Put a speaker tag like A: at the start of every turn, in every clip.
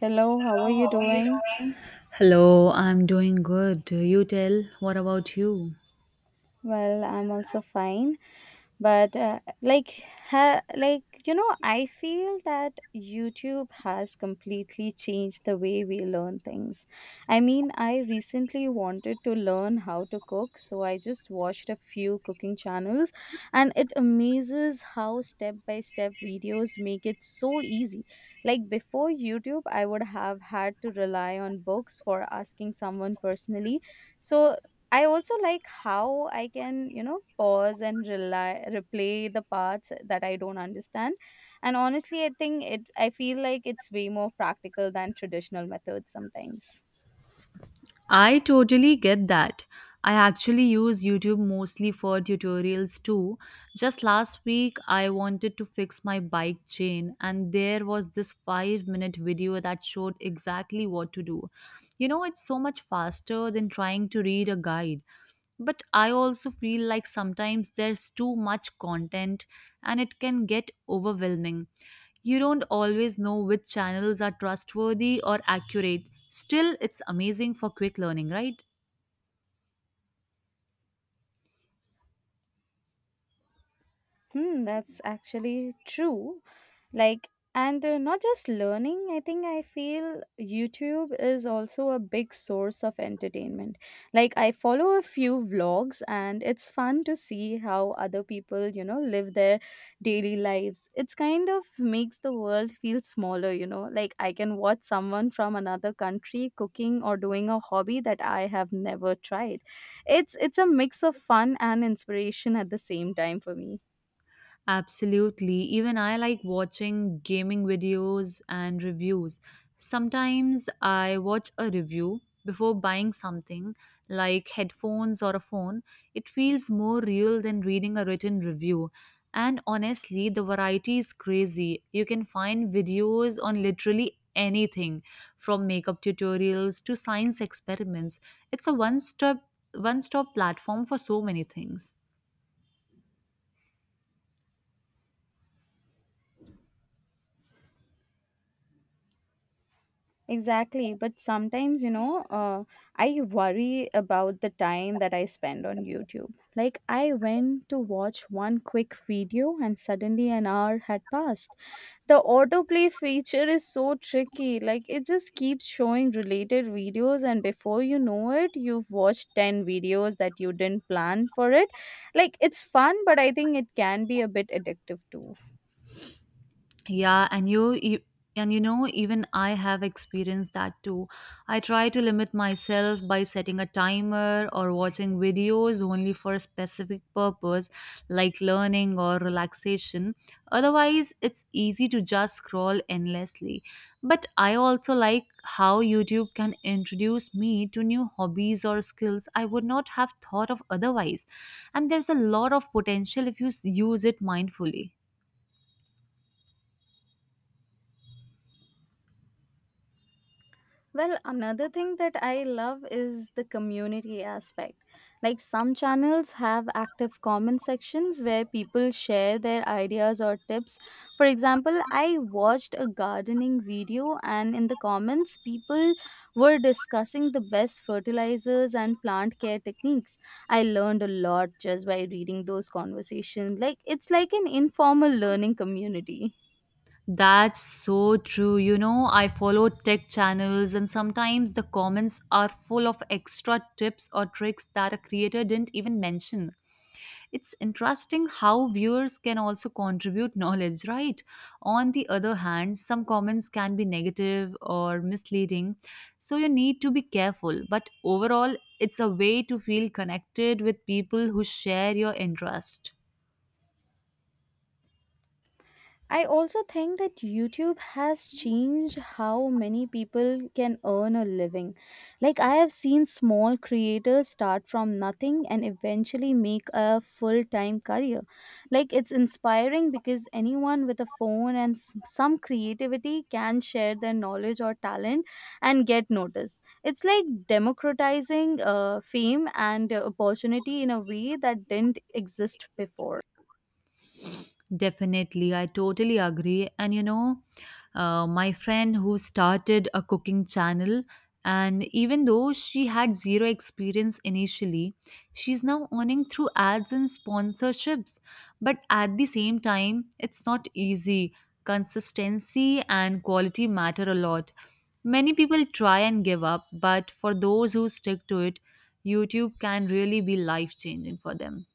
A: Hello, how are you doing?
B: Hello, I'm doing good. You tell, what about you?
A: Well, I'm also fine, but I feel that YouTube has completely changed the way we learn things. I mean, I recently wanted to learn how to cook, so I just watched a few cooking channels, and it amazes how step by step videos make it so easy. Like before YouTube, I would have had to rely on books for asking someone personally, so I also like how I can, pause and rely, replay the parts that I don't understand. And honestly, I feel like it's way more practical than traditional methods sometimes.
B: I totally get that. I actually use YouTube mostly for tutorials too. Just last week, I wanted to fix my bike chain, and there was this 5-minute video that showed exactly what to do. You know, it's so much faster than trying to read a guide. But I also feel like sometimes there's too much content and it can get overwhelming. You don't always know which channels are trustworthy or accurate. Still, it's amazing for quick learning, right?
A: Hmm, that's actually true. Like, and Not just learning, I feel YouTube is also a big source of entertainment. Like, I follow a few vlogs, and it's fun to see how other people, live their daily lives. It's kind of makes the world feel smaller, Like, I can watch someone from another country cooking or doing a hobby that I have never tried. It's a mix of fun and inspiration at the same time for me.
B: Absolutely. Even I like watching gaming videos and reviews. Sometimes I watch a review before buying something like headphones or a phone. It feels more real than reading a written review. And honestly, the variety is crazy. You can find videos on literally anything from makeup tutorials to science experiments. It's a one-stop platform for so many things.
A: Exactly. But sometimes, I worry about the time that I spend on YouTube. Like, I went to watch one quick video and suddenly an hour had passed. The autoplay feature is so tricky. Like, it just keeps showing related videos, and before you know it, you've watched 10 videos that you didn't plan for it. Like, it's fun, but I think it can be a bit addictive too.
B: Yeah, and you and you know, even I have experienced that too. I try to limit myself by setting a timer or watching videos only for a specific purpose, like learning or relaxation. Otherwise, it's easy to just scroll endlessly. But I also like how YouTube can introduce me to new hobbies or skills I would not have thought of otherwise. And there's a lot of potential if use it mindfully.
A: Well, another thing that I love is the community aspect. Like, some channels have active comment sections where people share their ideas or tips. For example, I watched a gardening video, and in the comments, people were discussing the best fertilizers and plant care techniques. I learned a lot just by reading those conversations. Like, it's like an informal learning community.
B: That's so true. You know, I follow tech channels, and sometimes the comments are full of extra tips or tricks that a creator didn't even mention. It's interesting how viewers can also contribute knowledge, right? On the other hand, some comments can be negative or misleading, so you need to be careful. But overall, it's a way to feel connected with people who share your interest.
A: I also think that YouTube has changed how many people can earn a living. Like, I have seen small creators start from nothing and eventually make a full time career. Like, it's inspiring because anyone with a phone and some creativity can share their knowledge or talent and get noticed. It's like democratizing fame and opportunity in a way that didn't exist before.
B: Definitely, I totally agree. And you know, my friend who started a cooking channel, and even though she had zero experience initially, she's now earning through ads and sponsorships. But at the same time, it's not easy. Consistency and quality matter a lot. Many people try and give up, but for those who stick to it, YouTube can really be life changing for them.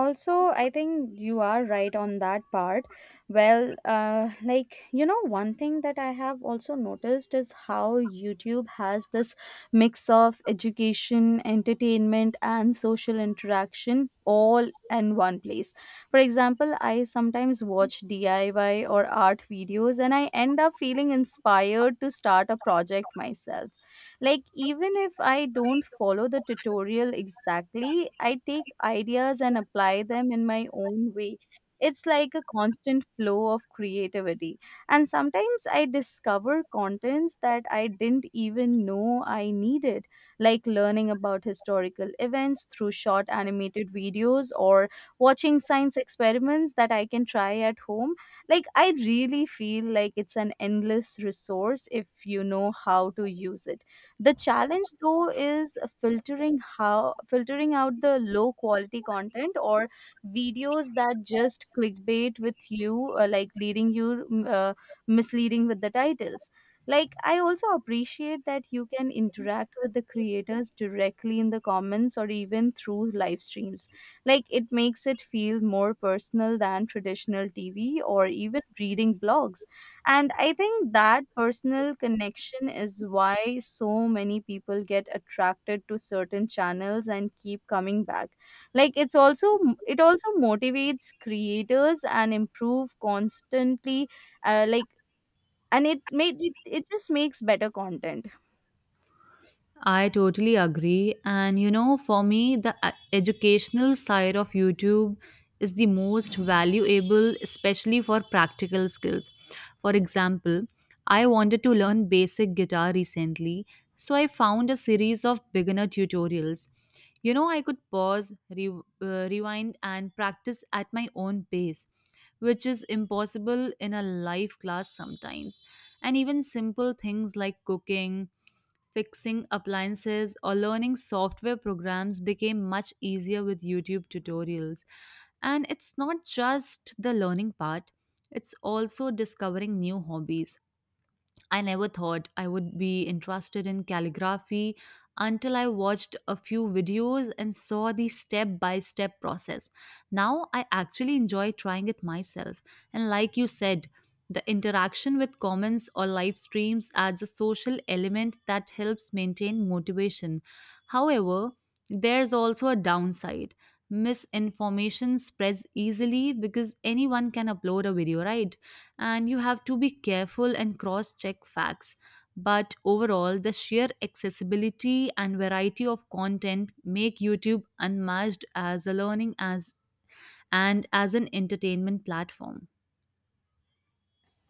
A: Also, I think you are right on that part. Well, one thing that I have also noticed is how YouTube has this mix of education, entertainment and social interaction all in one place. For example, I sometimes watch DIY or art videos and I end up feeling inspired to start a project myself. Like, even if I don't follow the tutorial exactly, I take ideas and apply them in my own way. It's like a constant flow of creativity. And sometimes I discover contents that I didn't even know I needed, like learning about historical events through short animated videos or watching science experiments that I can try at home. Like, I really feel like it's an endless resource if you know how to use it. The challenge though is filtering out the low quality content or videos that just clickbait with you, leading you, misleading with the titles. Like, I also appreciate that you can interact with the creators directly in the comments or even through live streams. Like, it makes it feel more personal than traditional TV or even reading blogs, and I think that personal connection is why so many people get attracted to certain channels and keep coming back. Like it's also it also motivates creators and improve constantly, like and it made it, it just makes better content.
B: I totally agree. And you know, for me, the educational side of YouTube is the most valuable, especially for practical skills. For example, I wanted to learn basic guitar recently, so I found a series of beginner tutorials. You know, I could pause, rewind, and practice at my own pace, which is impossible in a live class sometimes. And even simple things like cooking fixing appliances, or learning software programs became much easier with YouTube tutorials. And it's not just the learning part, it's also discovering new hobbies. I never thought I would be interested in calligraphy until I watched a few videos and saw the step by step process. Now I actually enjoy trying it myself. And like you said, the interaction with comments or live streams adds a social element that helps maintain motivation. However, there's also a downside. Misinformation spreads easily because anyone can upload a video, right? And you have to be careful and cross check facts. But overall, the sheer accessibility and variety of content make YouTube unmatched as a learning as and as an entertainment platform.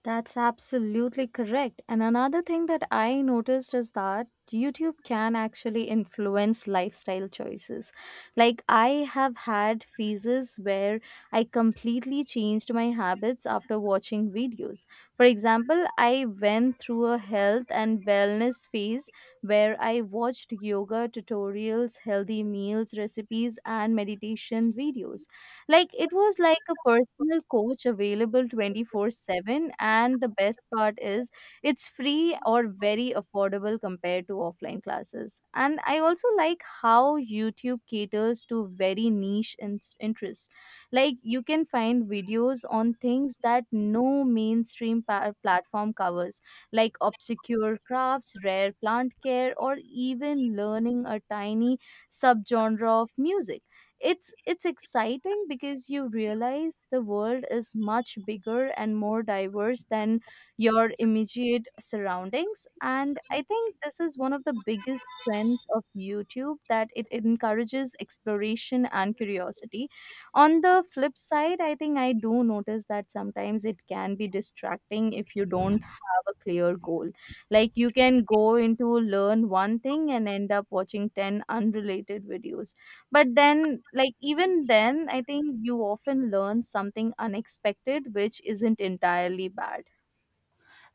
A: That's absolutely correct. And another thing that I noticed is that YouTube can actually influence lifestyle choices. Like, I have had phases where I completely changed my habits after watching videos. For example, I went through a health and wellness phase where I watched yoga tutorials, healthy meals recipes, and meditation videos. Like, it was like a personal coach available 24/7, and the best part is it's free or very affordable compared to offline classes. And I also like how YouTube caters to very niche interests. Like, you can find videos on things that no mainstream platform covers, like obscure crafts, rare plant care, or even learning a tiny subgenre of music. It's exciting because you realize the
B: Sometimes it is your belief that
A: world is
B: one
A: much
B: is much
A: bigger and more
B: more
A: diverse than
B: important than
A: your
B: the other. Your
A: immediate
B: belief is that
A: surroundings, and
B: the other
A: I
B: is
A: think this is one of the biggest strengths of YouTube, that it encourages exploration and curiosity. On the flip
B: more
A: side,
B: important
A: I think I do notice that sometimes it can be
B: than the first.
A: distracting if you don't have a clear goal. Like, you can go into learn one thing and end up watching 10 unrelated videos, but then, like, even then I think you often learn something unexpected, which isn't entirely bad.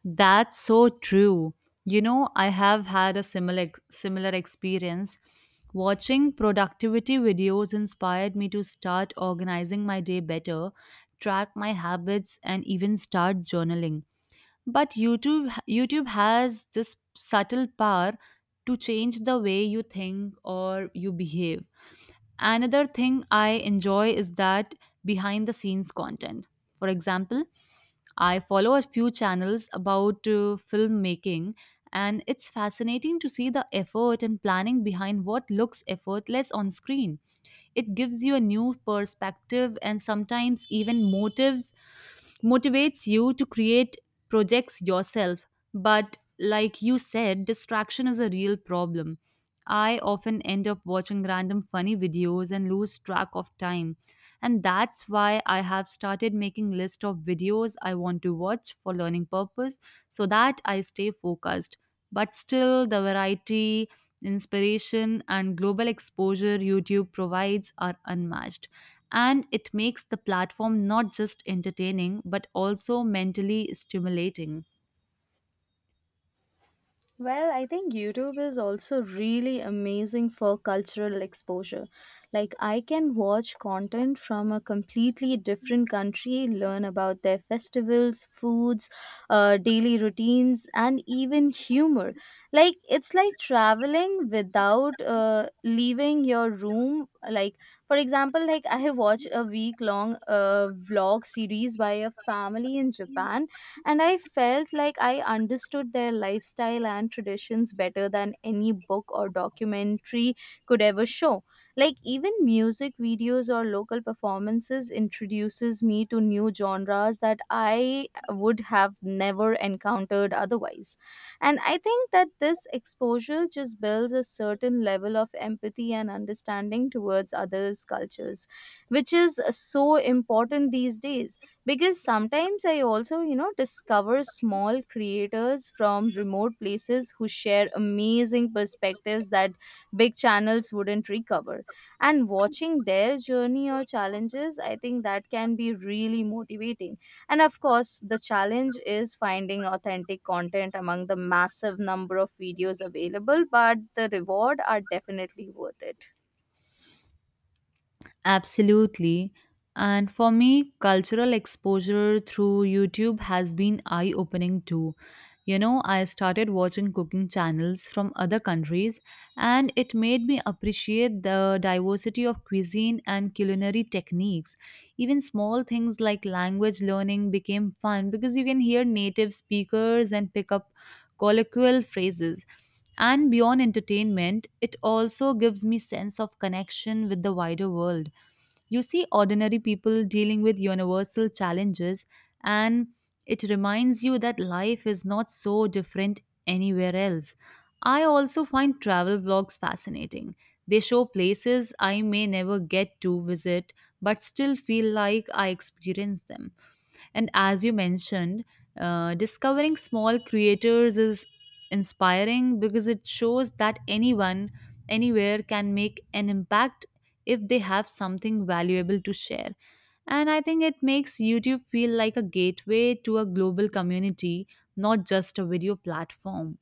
B: That's so true. You know, I have had a similar experience. Watching productivity videos inspired me to start organizing my day better, track my habits and even start journaling. But YouTube has this subtle power to change the way you think or you behave. Another thing I enjoy is that behind the scenes content. For example, I follow a few channels about filmmaking, and it's fascinating to see the effort and planning behind what looks effortless on screen. It gives you a new perspective and sometimes even motives motivates you to create projects yourself. But like you said, distraction is a real problem. I often end up watching random funny videos and lose track of time, and that's why I have started making list of videos I want to watch for learning purpose, so that I stay focused. But still, the variety, inspiration and global exposure YouTube provides are unmatched, and it makes the platform not just entertaining but also mentally stimulating.
A: Well, I think YouTube is also really amazing for cultural exposure. Like, I can watch content from a completely different country, learn about their festivals, foods, daily routines, and even humor. Like, it's like traveling without leaving your room. Like, for example, like I have watched a week long vlog series by a family in Japan, and I felt like I understood their lifestyle and traditions better than any book or documentary could ever
B: And watching
A: show. Like, even
B: the
A: music
B: journey of
A: videos or local
B: challenges,
A: performances
B: I think that
A: introduces me to new genres that I would have never encountered otherwise. And I think that this exposure just builds a certain level of empathy and understanding towards others' cultures, which is so important these days, because sometimes I also, discover small creators from remote places who share amazing perspectives that big channels wouldn't recover. And watching their journey or challenges, I
B: can
A: think that can be
B: be really
A: really motivating. And of course, the challenge is finding authentic content among the massive number of videos available, but the reward are definitely worth it.
B: absolutely. And for me, cultural exposure through YouTube has been eye opening too. You know, I started watching cooking channels from other countries, and it made me appreciate the diversity of cuisine and culinary techniques. Even small things like language learning became fun because you can hear native speakers and pick up colloquial phrases. And beyond entertainment, it also gives me sense of connection with the wider world. You see ordinary people dealing with universal challenges, and it reminds you that life is not so different anywhere else. I also find travel vlogs fascinating. They show places I may never get to visit, but still feel like I experience them. And as you mentioned, discovering small creators is inspiring because it shows that anyone, anywhere can make an impact if they have something valuable to share. And I think it makes YouTube feel like a gateway to a global community, not just a video platform.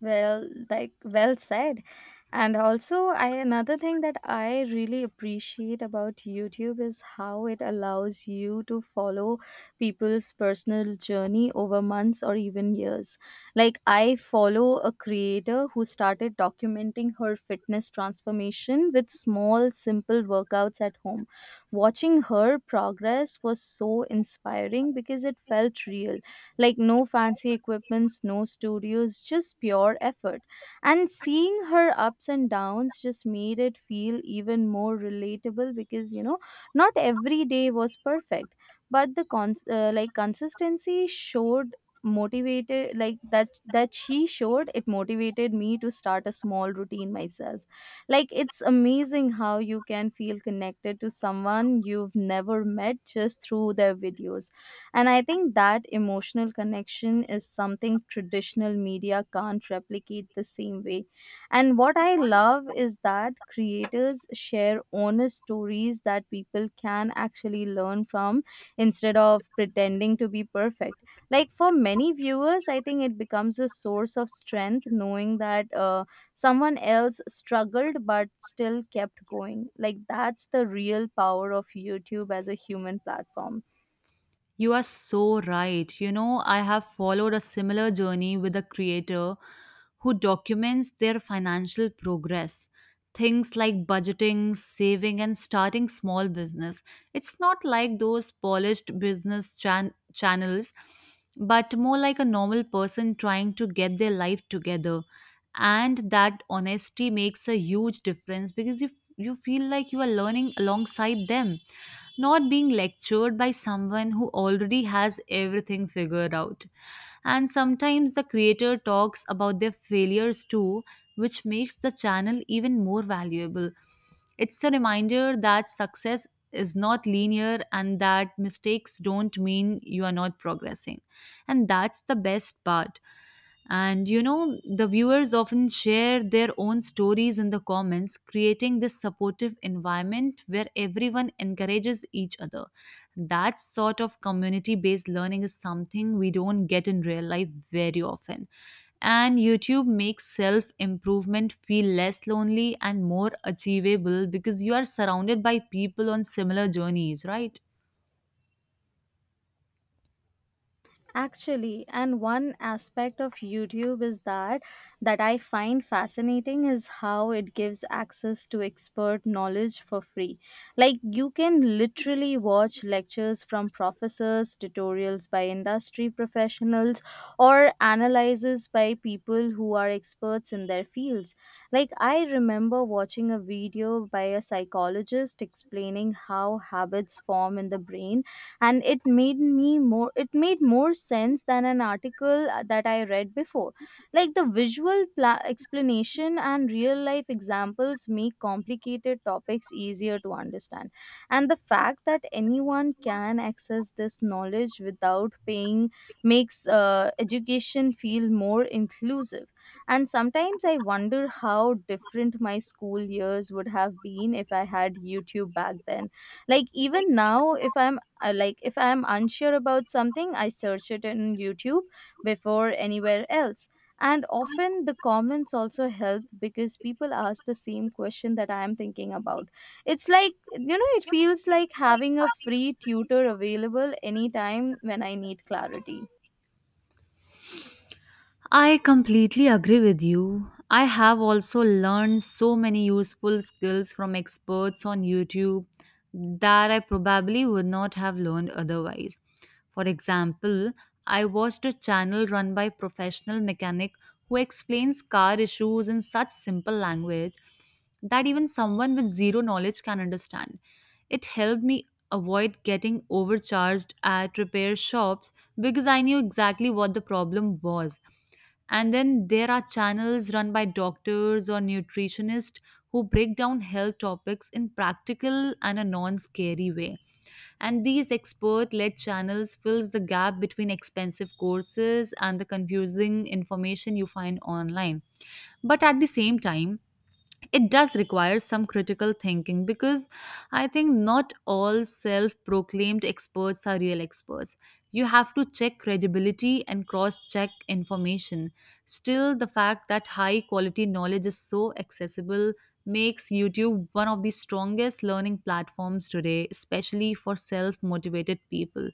A: Well, like, well said. And also, I another thing that I really appreciate about YouTube is how it allows you to follow people's personal journey over months or even years. Like, I follow a creator who started documenting her fitness transformation with small simple workouts at home. Watching her progress was so inspiring because it felt real. Like, no fancy equipments, no studios, just pure effort. And seeing her ups and downs just made it feel even more relatable, because, you know, not every day was perfect, but the consistency showed motivated like that that she showed it motivated me to start a small routine myself. Like, it's amazing how you can feel connected to someone you've never met just through their videos, and I think that emotional connection is something traditional media can't replicate the same way. And what I love is that creators share honest stories that people can actually learn from instead
B: It's
A: of
B: about
A: pretending to be
B: pretending to be
A: perfect.
B: perfect.
A: Like, for
B: Like
A: many
B: for many
A: viewers, I think
B: viewers, I
A: it
B: think it
A: becomes
B: becomes a
A: a
B: kind of
A: source of strength
B: thing you get from
A: knowing that
B: the factory.
A: someone else
B: The
A: struggled
B: factory made
A: but
B: it,
A: still
B: and then they have to do some sort
A: kept
B: of
A: going.
B: quality
A: Like,
B: control.
A: that's the real power of YouTube as a human platform.
B: You are so right. You know, I have followed a similar journey with a creator who documents their financial progress. Things like budgeting, saving, and starting small business. It's not like those polished business channels, but more like a normal person trying to get their life together. And that honesty makes a huge difference because you feel like you are learning alongside them, not being lectured by someone who already has everything figured out. And sometimes the creator talks about their failures too, which makes the channel even more valuable. It's a reminder that success is not linear and that mistakes don't mean you are not progressing. And that's the best part. And you know, the viewers often share their own stories in the comments, creating this supportive environment where everyone encourages each other. That sort of community based learning is something we don't get in real life very often. And YouTube makes self improvement feel less lonely and more achievable because you are surrounded by people on similar journeys, right?
A: Actually, and one aspect of YouTube is that that I find fascinating is how it gives access to expert knowledge for free. Like, you can literally watch lectures from professors, tutorials by industry professionals, or analyses by people who are experts in their fields. Like, I remember watching a video by a psychologist explaining how habits form in the brain, and it made more sense than an article that I read before. Like, the visual explanation and real life examples make complicated topics easier to understand, and the fact that anyone can access this knowledge without paying makes education feel more inclusive. And sometimes I wonder how different my school years would have been if I had YouTube back then. Like, even now, if I am unsure about something, I search it in YouTube before anywhere else, and often the comments also help because people ask the same question that I am thinking about. It's like you know it feels like having a free tutor available anytime when I need clarity.
B: I completely agree with you. I have also learned so many useful skills from experts on YouTube that I probably would not have learned otherwise. For example, I watched a channel run by professional mechanic who explains car issues in such simple language that even someone with zero knowledge can understand. It helped me avoid getting overcharged at repair shops because I knew exactly what the problem was. And then there are channels run by doctors or nutritionists who break down health topics in practical and a non-scary way. And these expert-led channels fills the gap between expensive courses and the confusing information you find online. But at the same time, it does require some critical thinking because I think not all self proclaimed experts are real experts. You have to check credibility and cross check information. Still, the fact that high quality knowledge is so accessible makes YouTube one of the strongest learning platforms today, especially for self motivated people.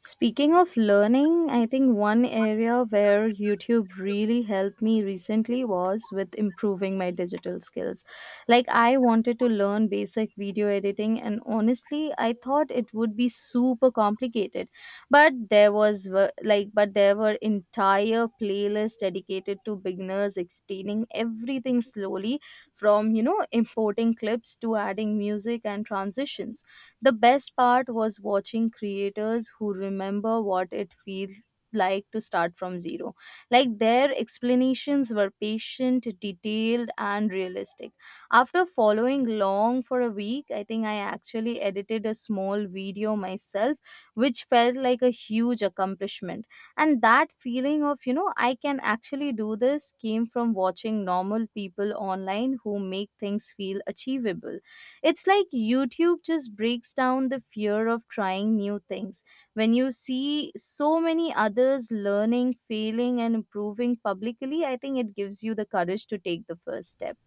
A: Speaking of learning, I think one area where YouTube really helped me recently was with improving my digital skills. Like, I wanted to learn basic video editing, and honestly, I thought it would be super complicated. But there was, w- like, but there were entire playlists dedicated to beginners explaining everything slowly, from, importing clips to adding music and transitions. The best part was watching creators who remember what it feels like to start from zero. Like, their explanations were patient, detailed, and realistic. After following long for a week, I think I actually edited a small video myself, which felt like a huge accomplishment. And that feeling of, I can actually do this came from watching normal people online who make things feel achievable. It's like YouTube just breaks down the fear of trying new things. When you see so many others learning, failing, and improving publicly, I think it gives you the courage to take the first step.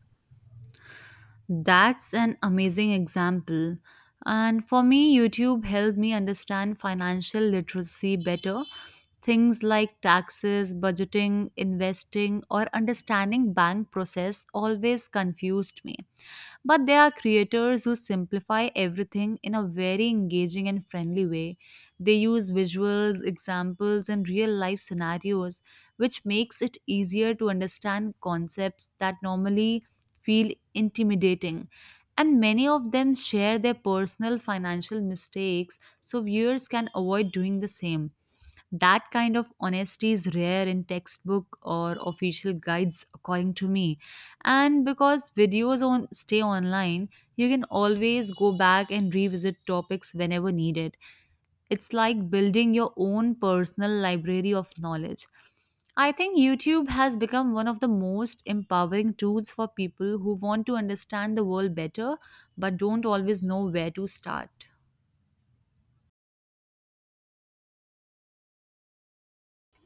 B: That's an amazing example. And for me, YouTube helped me understand financial literacy better. Things like taxes, budgeting, investing, or understanding bank process always confused me. But there are creators who simplify everything in a very engaging and friendly way. They use visuals, examples, and real life scenarios, which makes it easier to understand concepts that normally feel intimidating. And many of them share their personal financial mistakes so viewers can avoid doing the same. That kind of honesty is rare in textbook or official guides, according to me. And because videos on stay online, you can always go back and revisit topics whenever needed. It's like building your own personal library of knowledge. I think YouTube has become one of the most empowering tools for people who want to understand the world better but don't always know where to start.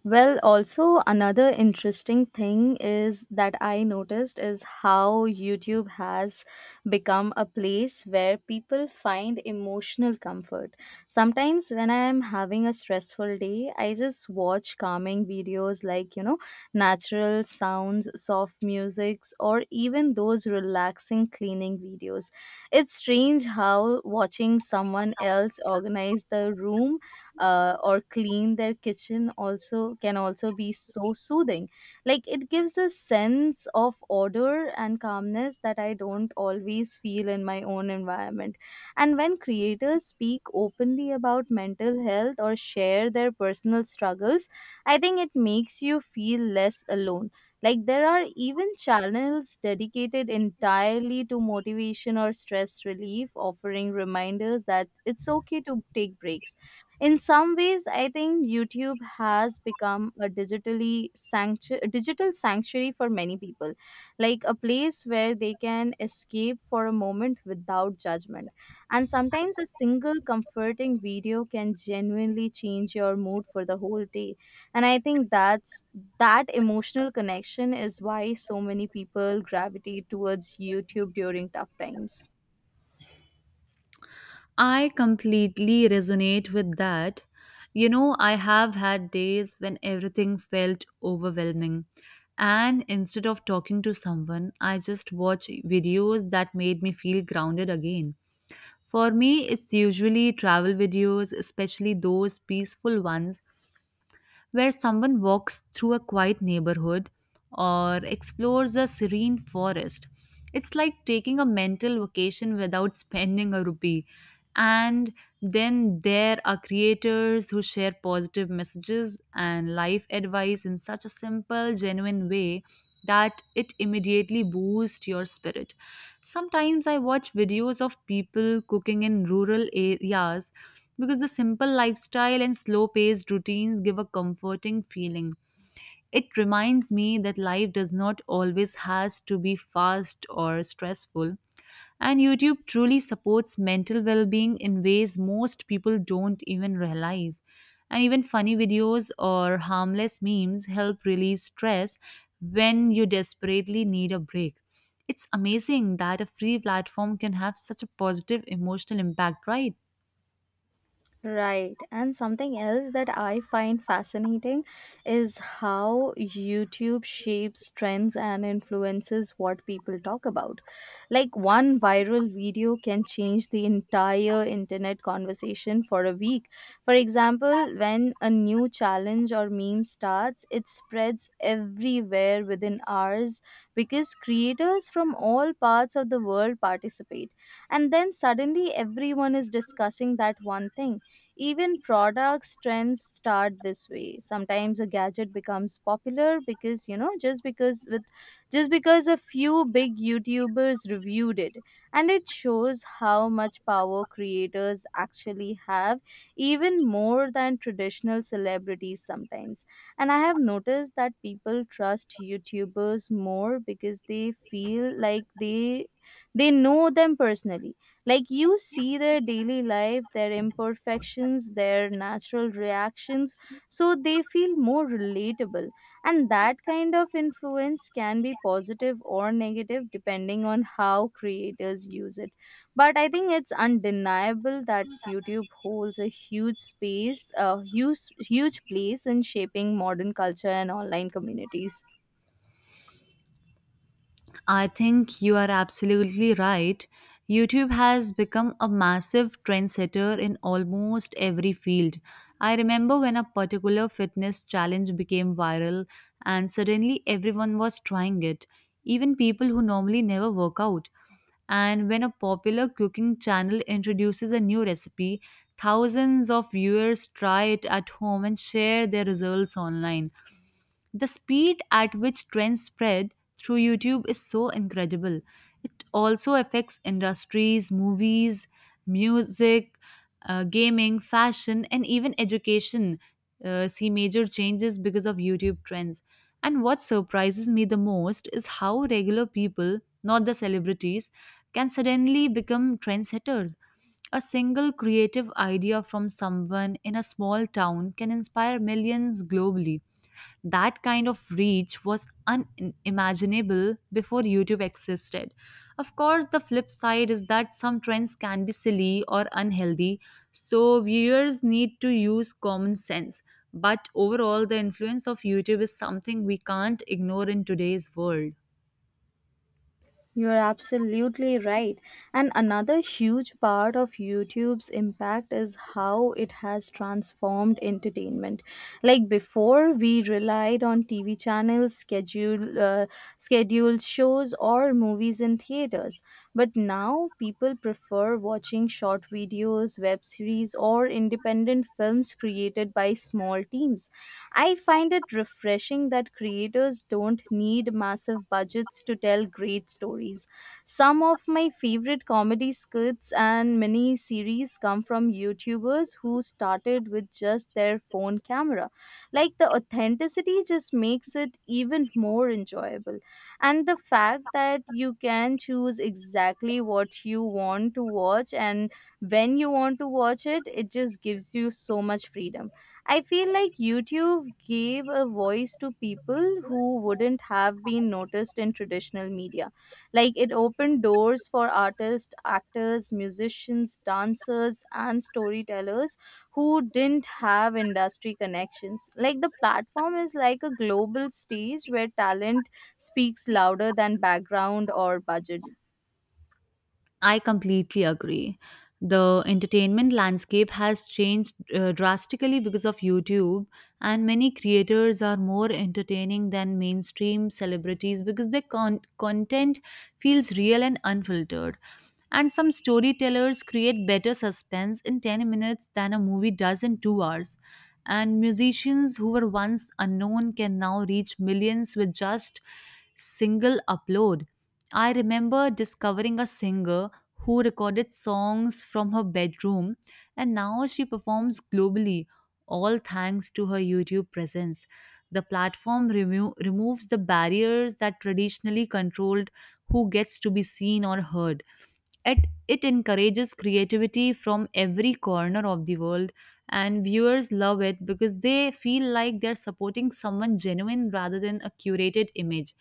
A: Well, also another interesting thing is that I noticed is how YouTube has become a place where people find emotional comfort. Sometimes when I am having a stressful day, I just watch calming videos like, natural sounds, soft musics, or even those relaxing cleaning videos. It's strange how watching someone else organize the room or clean their kitchen also can also be so soothing. Like, it gives a sense of order and calmness that I don't always feel in my own environment. And when creators speak openly about mental health or share their personal struggles, I think it makes you feel less alone. Like, there are even channels dedicated entirely to motivation or stress relief, offering reminders that it's okay to take breaks. In some ways, I think YouTube has become a digital sanctuary for many people, like a place where they can escape for a moment without judgment. And sometimes a single comforting video can genuinely change your mood for the whole day. And I think that emotional connection is why so many people gravitate towards YouTube during tough times.
B: I completely resonate with that. You know, I have had days when everything felt overwhelming. And instead of talking to someone, I just watch videos that made me feel grounded again. For me, it's usually travel videos, especially those peaceful ones where someone walks through a quiet neighborhood or explores a serene forest. It's like taking a mental vacation without spending a rupee. And then there are creators who share positive messages and life advice in such a simple, genuine way that it immediately boosts your spirit. Sometimes I watch videos of people cooking in rural areas because the simple lifestyle and slow paced routines give a comforting feeling. It reminds me that life does not always has to be fast or stressful, and YouTube truly supports mental well-being in ways most people don't even realize. And even funny videos or harmless memes help release stress when you desperately need a break. It's amazing that a free platform can have such a positive emotional impact, right?
A: Right. And something else that I find fascinating is how YouTube shapes trends and influences what people talk about. Like, one viral video can change the entire internet conversation for a week. For example, when a new challenge or meme starts, it spreads everywhere within hours because creators from all parts of the world participate. And then suddenly everyone is discussing that one thing. Even products trends start this way. Sometimes a gadget becomes popular because, you know just because with just because a few big YouTubers reviewed it, and it shows how much power creators actually have, even more than traditional celebrities sometimes. And I have noticed that people trust YouTubers more because they feel like they know them personally. Like, you see their daily life, their imperfections, their natural reactions, so they feel more relatable. And that kind of influence can be positive or negative depending on how creators use it. But I think it's undeniable that YouTube holds a huge, huge place in shaping modern culture and online communities.
B: I think you are absolutely right. YouTube has become a massive trendsetter in almost every field. I remember when a particular fitness challenge became viral and suddenly everyone was trying it, even people who normally never work out. And when a popular cooking channel introduces a new recipe, thousands of viewers try it at home and share their results online. The speed at which trends spread through YouTube is so incredible. It also affects industries, movies, music, gaming, fashion, and even education. See major changes because of YouTube trends. And what surprises me the most is how regular people, not the celebrities, can suddenly become trendsetters. A single creative idea from someone in a small town can inspire millions globally. That kind of reach was unimaginable before YouTube existed. Of course, the flip side is that some trends can be silly or unhealthy, so viewers need to use common sense. But overall, the influence of YouTube is something we can't ignore in today's world.
A: You're absolutely right. And another huge part of YouTube's impact is how it has transformed entertainment. Like before, we relied on TV channels, scheduled shows, or movies in theaters. But now people prefer watching short videos, web series, or independent films created by small teams. I find it refreshing that creators don't need massive budgets to tell great stories. Some of my favorite comedy skits and mini series come from YouTubers who started with just their phone camera. Like, the authenticity just makes it even more enjoyable. And the fact that you can choose exactly what you want to watch and when you want to watch it, it just gives you so much freedom. I feel like YouTube gave a voice to people who wouldn't have been noticed in traditional media. Like, it opened doors for artists, actors, musicians, dancers, and storytellers who didn't have industry connections. Like, the platform is like a global stage where talent speaks louder than background or budget.
B: I completely agree. The entertainment landscape has changed drastically because of YouTube, and many creators are more entertaining than mainstream celebrities because their content feels real and unfiltered. And some storytellers create better suspense in 10 minutes than a movie does in 2 hours. And musicians who were once unknown can now reach millions with just single upload. I remember discovering a singer who recorded songs from her bedroom, and now she performs globally, all thanks to her YouTube presence. The platform removes the barriers that traditionally controlled who gets to be seen or heard. It encourages creativity from every corner of the world, and viewers love it because they feel like they're supporting someone genuine rather than a curated image.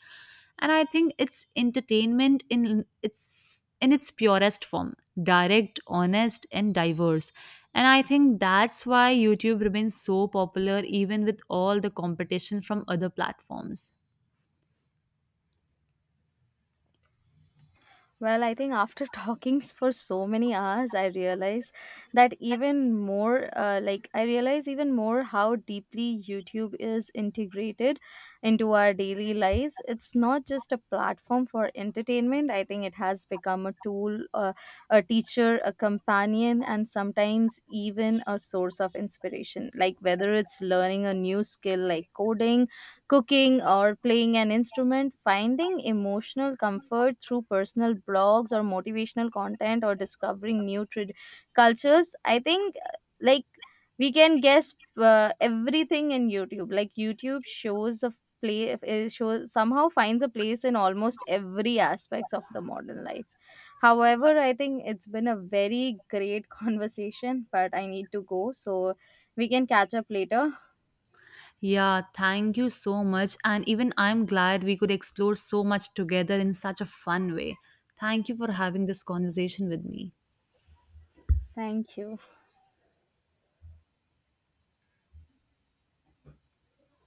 B: And I think it's entertainment in its purest form, direct, honest, and diverse. And I think that's why YouTube remains so popular even with all the competition from other platforms.
A: Well, I think after for so many hours, I realize that even I realize even more how deeply YouTube is integrated into our daily lives. It's not just a platform for entertainment. I think it has become a tool, a teacher, a companion, and sometimes even a source of inspiration. Like, whether it's learning a new skill like coding, cooking, or playing an instrument, finding emotional comfort through personal blogs or motivational content, or discovering cultures. I think, like we can guess, everything in YouTube. Like, YouTube shows a play it shows somehow finds a place in almost every aspects of the modern life. However, I think it's been a very great conversation, but I need to go, so we can catch up later.
B: Yeah, thank you so much. And even I'm glad we could explore so much together in such a fun way. Thank you for having this conversation with me.
A: Thank you.